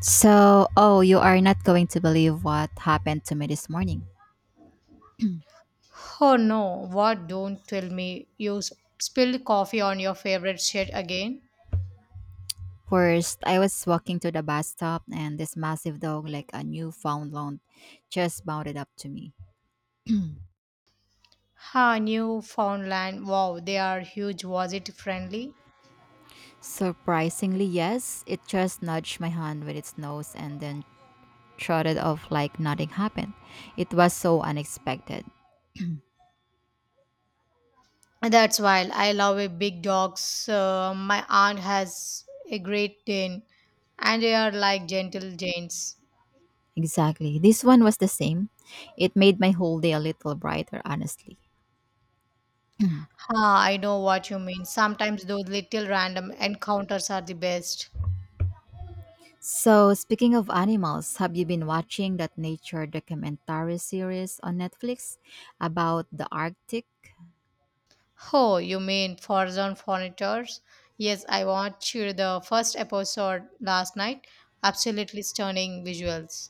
So, oh, you are not going to believe what happened to me this morning. Oh no, what? Don't tell me you spilled coffee on your favorite shirt again. First, I was walking to the bus stop and this massive dog, like a Newfoundland, just bounded up to me. Ha, Newfoundland. Wow, they are huge. Was it friendly? Surprisingly, yes, it just nudged my hand with its nose and then trotted off like nothing happened. It was so unexpected. That's wild. I love a big dogs. My aunt has a great Dane, and they are like gentle giants. Exactly. This one was the same. It made my whole day a little brighter, honestly. Ha, I know what you mean. Sometimes those little random encounters are the best. So, speaking of animals, have you been watching that nature documentary series on Netflix about the Arctic? Oh, you mean Forzon Fornitors? Yes, I watched the first episode last night. Absolutely stunning visuals.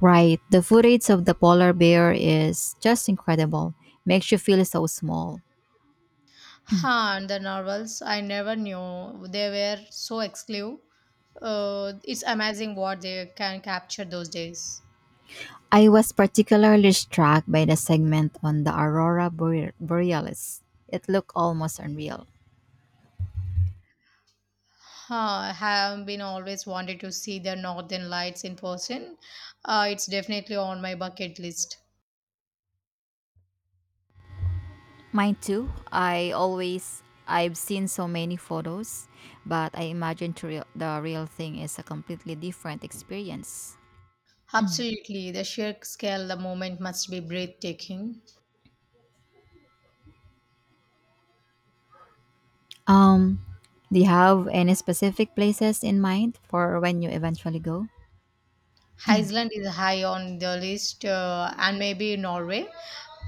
Right, the footage of the polar bear is just incredible. Makes you feel so small. Huh, and the novels, I never knew they were so exclusive. It's amazing what they can capture those days. I was particularly struck by the segment on the borealis. It looked almost unreal. Huh, I have been always wanted to see the Northern Lights in person. It's definitely on my bucket list. Mine too. I've seen so many photos, but I imagine to real, the real thing is a completely different experience. Absolutely, the sheer scale, the moment must be breathtaking. Um, do you have any specific places in mind for when you eventually go? Iceland is high on the list, and maybe Norway.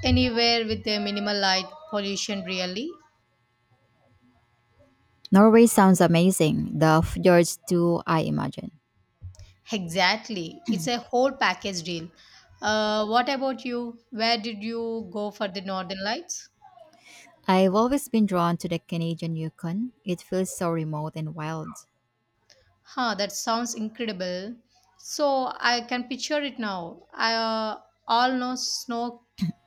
Anywhere with the minimal light pollution, really. Norway sounds amazing. The fjords too, I imagine. Exactly. It's a whole package deal. What about you? Where did you go for the Northern Lights? I've always been drawn to the Canadian Yukon. It feels so remote and wild. Huh, that sounds incredible. So I can picture it now. I All know snow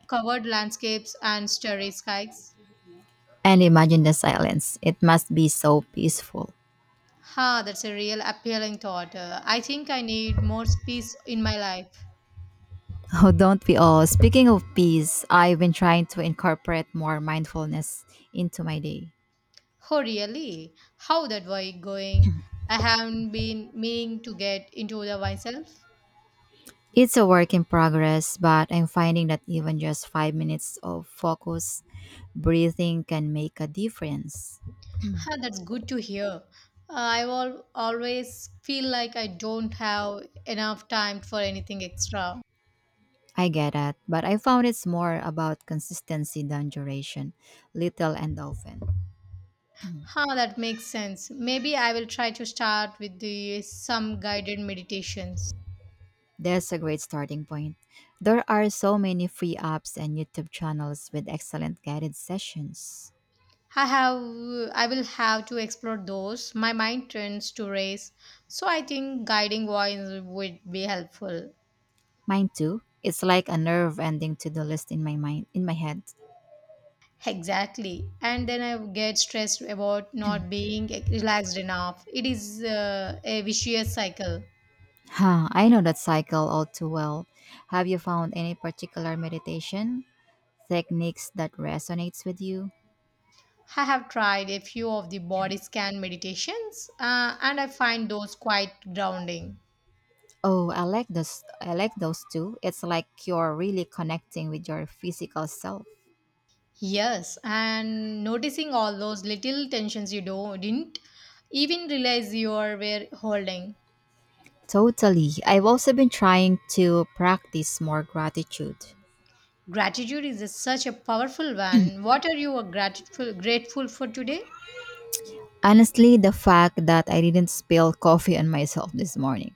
covered landscapes and starry skies. And imagine the silence. It must be so peaceful. Ha, that's a real appealing thought. I think I need more peace in my life. Oh, don't we all? Speaking of peace, I've been trying to incorporate more mindfulness into my day. Oh, really? How that wine going? I haven't been meaning to get into the myself. It's a work in progress, but I'm finding that even just 5 minutes of focus breathing can make a difference. Ah, that's good to hear. I always feel like I don't have enough time for anything extra. I get that, but I found it's more about consistency than duration, little and often. Ah, that makes sense. Maybe I will try to start with the some guided meditations. That's a great starting point. There are so many free apps and YouTube channels with excellent guided sessions. I have I will have to explore those. My mind tends to race, so I think guiding wines would be helpful. Mine too. It's like a nerve ending to the list in my head. Exactly. And then I get stressed about not being relaxed enough. It is a vicious cycle. Huh, I know that cycle all too well. Have you found any particular meditation techniques that resonates with you? I have tried a few of the body scan meditations and I find those quite grounding. Oh, I like those too. It's like you're really connecting with your physical self. Yes, and noticing all those little tensions didn't even realize you are were holding. Totally, I've also been trying to practice more gratitude. Gratitude is such a powerful one. What are you grateful for today? Honestly, the fact that I didn't spill coffee on myself this morning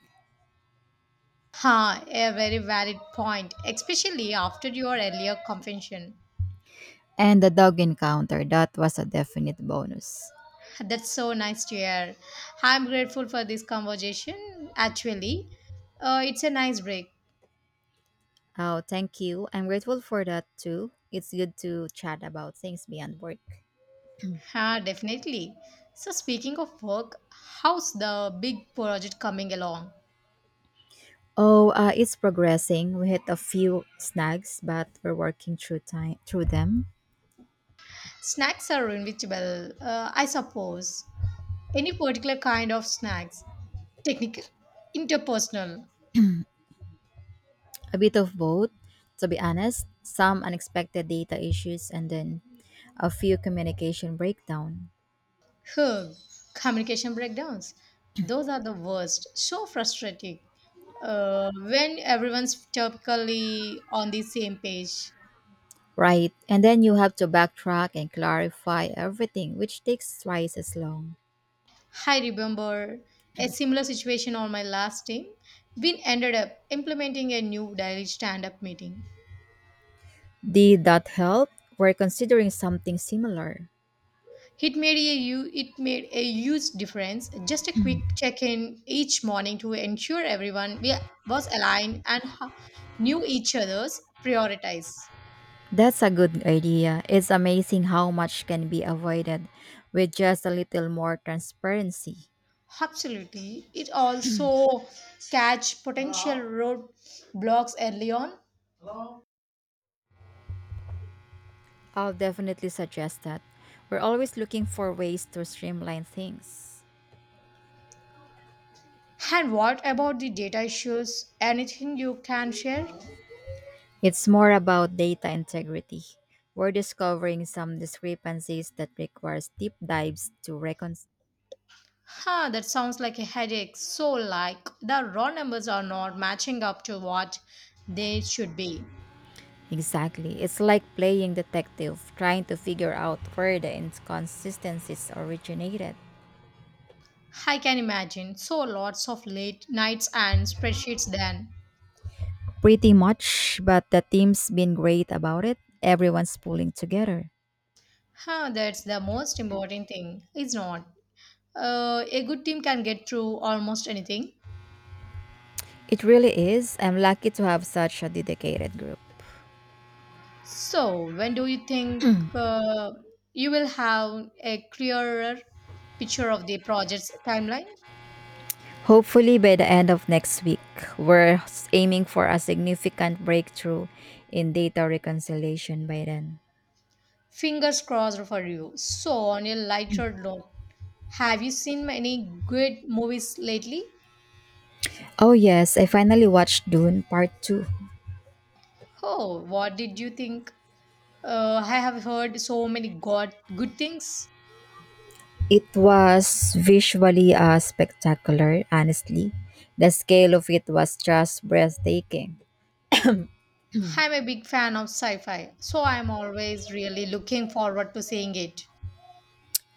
Ha, a very valid point, especially after your earlier confession. and the dog encounter, that was a definite bonus. That's so nice to hear. I'm grateful for this conversation. Actually, it's a nice break. Oh, thank you, I'm grateful for that too. It's good to chat about things beyond work. Ha, definitely. So, speaking of work, how's the big project coming along? Oh, it's progressing. We hit a few snags, but we're working through them. Snacks are inevitable, I suppose. Any particular kind of snacks? Technical, interpersonal. A bit of both, to be honest. Some unexpected data issues, and then a few communication breakdown. Ugh, communication breakdowns. Those are the worst. So frustrating. When everyone's typically on the same page. Right, and then you have to backtrack and clarify everything, which takes twice as long. I remember a similar situation on my last team. We ended up implementing a new daily stand-up meeting. Did that help? We're considering something similar. It made a huge difference. Just a quick check-in each morning to ensure everyone we was aligned and knew each other's priorities. That's a good idea. It's amazing how much can be avoided with just a little more transparency. Absolutely. It also catch potential roadblocks early on. I'll definitely suggest that. We're always looking for ways to streamline things. And what about the data issues? Anything you can share? It's more about data integrity. We're discovering some discrepancies that requires deep dives to reconcile. Huh, that sounds like a headache. So like the raw numbers are not matching up to what they should be. Exactly. It's like playing detective, trying to figure out where the inconsistencies originated. I can imagine. So lots of late nights and spreadsheets then. Pretty much, but the team's been great about it. Everyone's pulling together. Huh, that's the most important thing, is not. A good team can get through almost anything. It really is. I'm lucky to have such a dedicated group. So, when do you think uh, you will have a clearer picture of the project's timeline? Hopefully, by the end of next week, we're aiming for a significant breakthrough in data reconciliation by then. Fingers crossed for you. So, on a lighter note, have you seen many good movies lately? Oh, yes, I finally watched Dune Part 2. Oh, what did you think? I have heard so many god good things. It was visually spectacular, honestly. The scale of it was just breathtaking. I'm a big fan of sci-fi, so I'm always really looking forward to seeing it.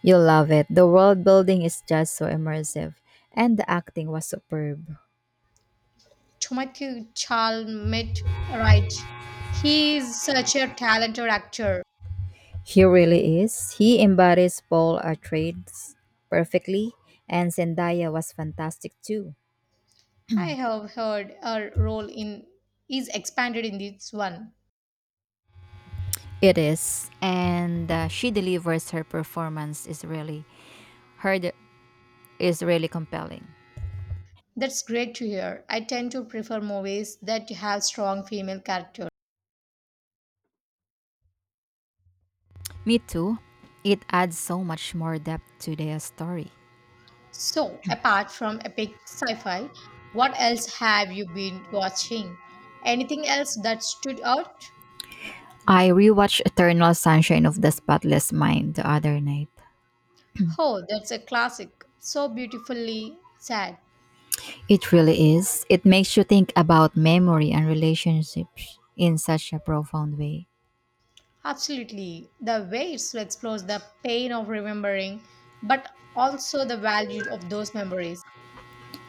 You'll love it. The world building is just so immersive, and the acting was superb. To my Chalmit right. He is such a talented actor. He really is. He embodies Paul Atreides perfectly, and Zendaya was fantastic too. I have heard her role in is expanded in this one. It is, and she delivers her performance is really her de- is really compelling. That's great to hear. I tend to prefer movies that have strong female characters. Me too. It adds so much more depth to the story. So, apart from epic sci-fi, what else have you been watching? Anything else that stood out? I rewatched Eternal Sunshine of the Spotless Mind the other night. Oh, that's a classic. So beautifully sad. It really is. It makes you think about memory and relationships in such a profound way. Absolutely. The way it explores the pain of remembering, but also the value of those memories.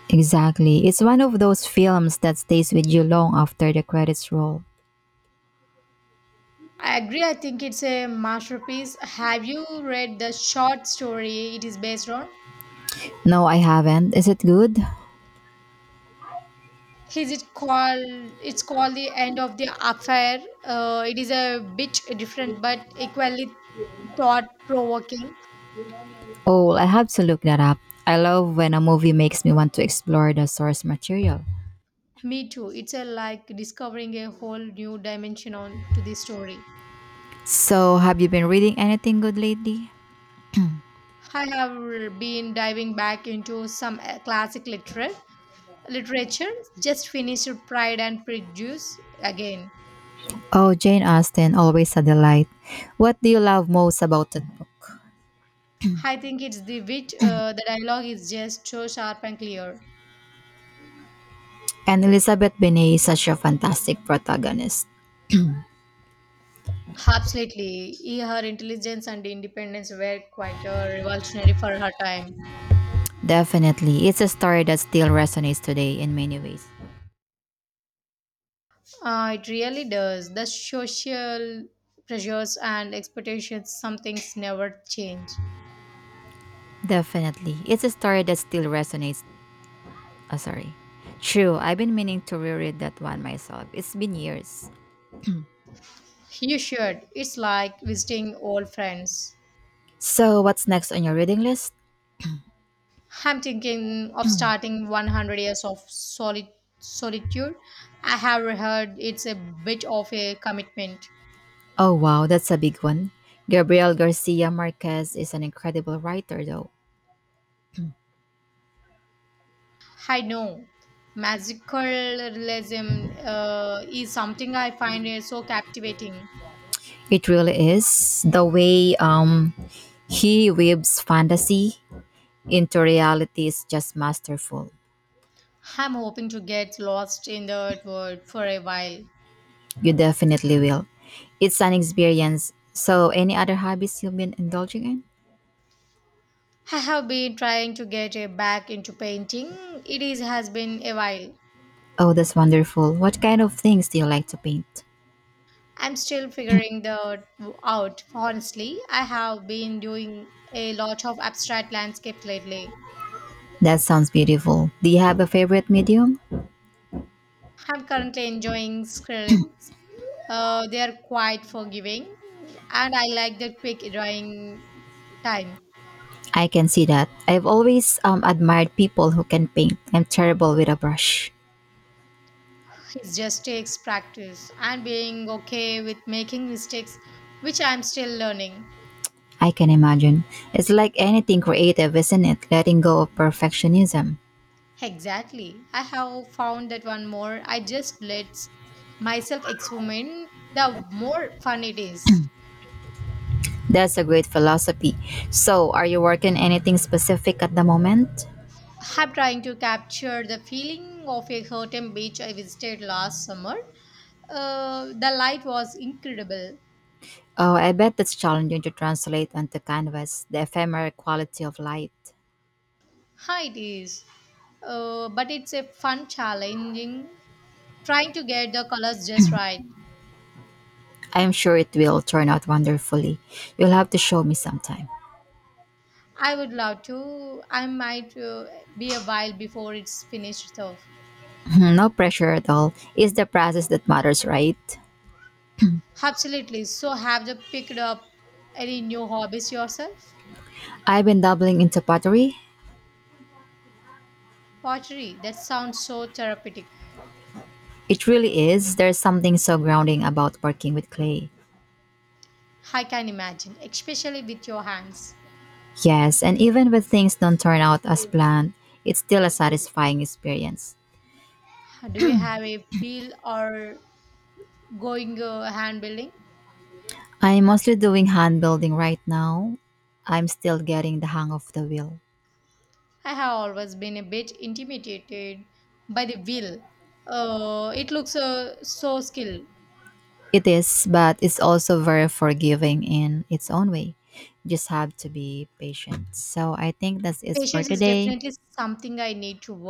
Exactly. It's one of those films that stays with you long after the credits roll. I agree. I think it's a masterpiece. Have you read the short story it is based on? No, I haven't. Is it good? Is it called? It's called the end of the affair. It is a bit different, but equally thought-provoking. Oh, I'll have to look that up. I love when a movie makes me want to explore the source material. Me too. It's a like discovering a whole new dimension on to the story. So, have you been reading anything good lately? I have been diving back into some classic literary literature. Just finished Pride and Prejudice again. Oh, Jane Austen, always a delight. What do you love most about that book? I think it's the wit. The dialogue is just so sharp and clear. And Elizabeth Bennet is such a fantastic protagonist. Absolutely, her intelligence and independence were quite revolutionary for her time. Definitely, it's a story that still resonates today in many ways. It really does. The social pressures and expectations, some things never change. Definitely, it's a story that still resonates. Oh, sorry. True, I've been meaning to reread that one myself. It's been years. You should. It's like visiting old friends. So, what's next on your reading list? I'm thinking of starting 100 Years of Solitude. I have heard it's a bit of a commitment. Oh, wow, that's a big one. Gabriel Garcia Marquez is an incredible writer, though. I know. Magical realism is something I find so captivating. It really is. The way he weaves fantasy into reality is just masterful. I'm hoping to get lost in the world for a while. You definitely will. It's an experience. So, any other hobbies you've been indulging in? I have been trying to get back into painting. Has been a while. Oh, that's wonderful. What kind of things do you like to paint? I'm still figuring the out. Honestly, I have been doing a lot of abstract landscapes lately. That sounds beautiful. Do you have a favorite medium? I'm currently enjoying acrylics. They are quite forgiving, and I like the quick drying time. I can see that. I've always admired people who can paint. I'm terrible with a brush. It just takes practice and being okay with making mistakes, which I'm still learning. I can imagine. It's like anything creative, isn't it? Letting go of perfectionism. Exactly. I have found that one more. I just let myself experiment, the more fun it is. That's a great philosophy. So, are you working anything specific at the moment? I'm trying to capture the feeling of a certain beach I visited last summer. The light was incredible. Oh, I bet that's challenging to translate onto canvas, the ephemeral quality of light. Hi, it is. But it's a fun challenging trying to get the colors just right. I'm sure it will turn out wonderfully. You'll have to show me sometime. I would love to. I might be a while before it's finished though. No pressure at all. It's the process that matters, right? Absolutely. So have you picked up any new hobbies yourself? I've been dabbling into pottery. Pottery. That sounds so therapeutic. It really is. There's something so grounding about working with clay. I can imagine, especially with your hands. Yes, and even when things don't turn out as planned, it's still a satisfying experience. Do you have a feel or going hand building? I'm mostly doing hand building right now. I'm still getting the hang of the wheel. I have always been a bit intimidated by the wheel. It looks so skilled. It is, but it's also very forgiving in its own way. Just have to be patient. So I think that's it for Patience is today. definitely something I need to work.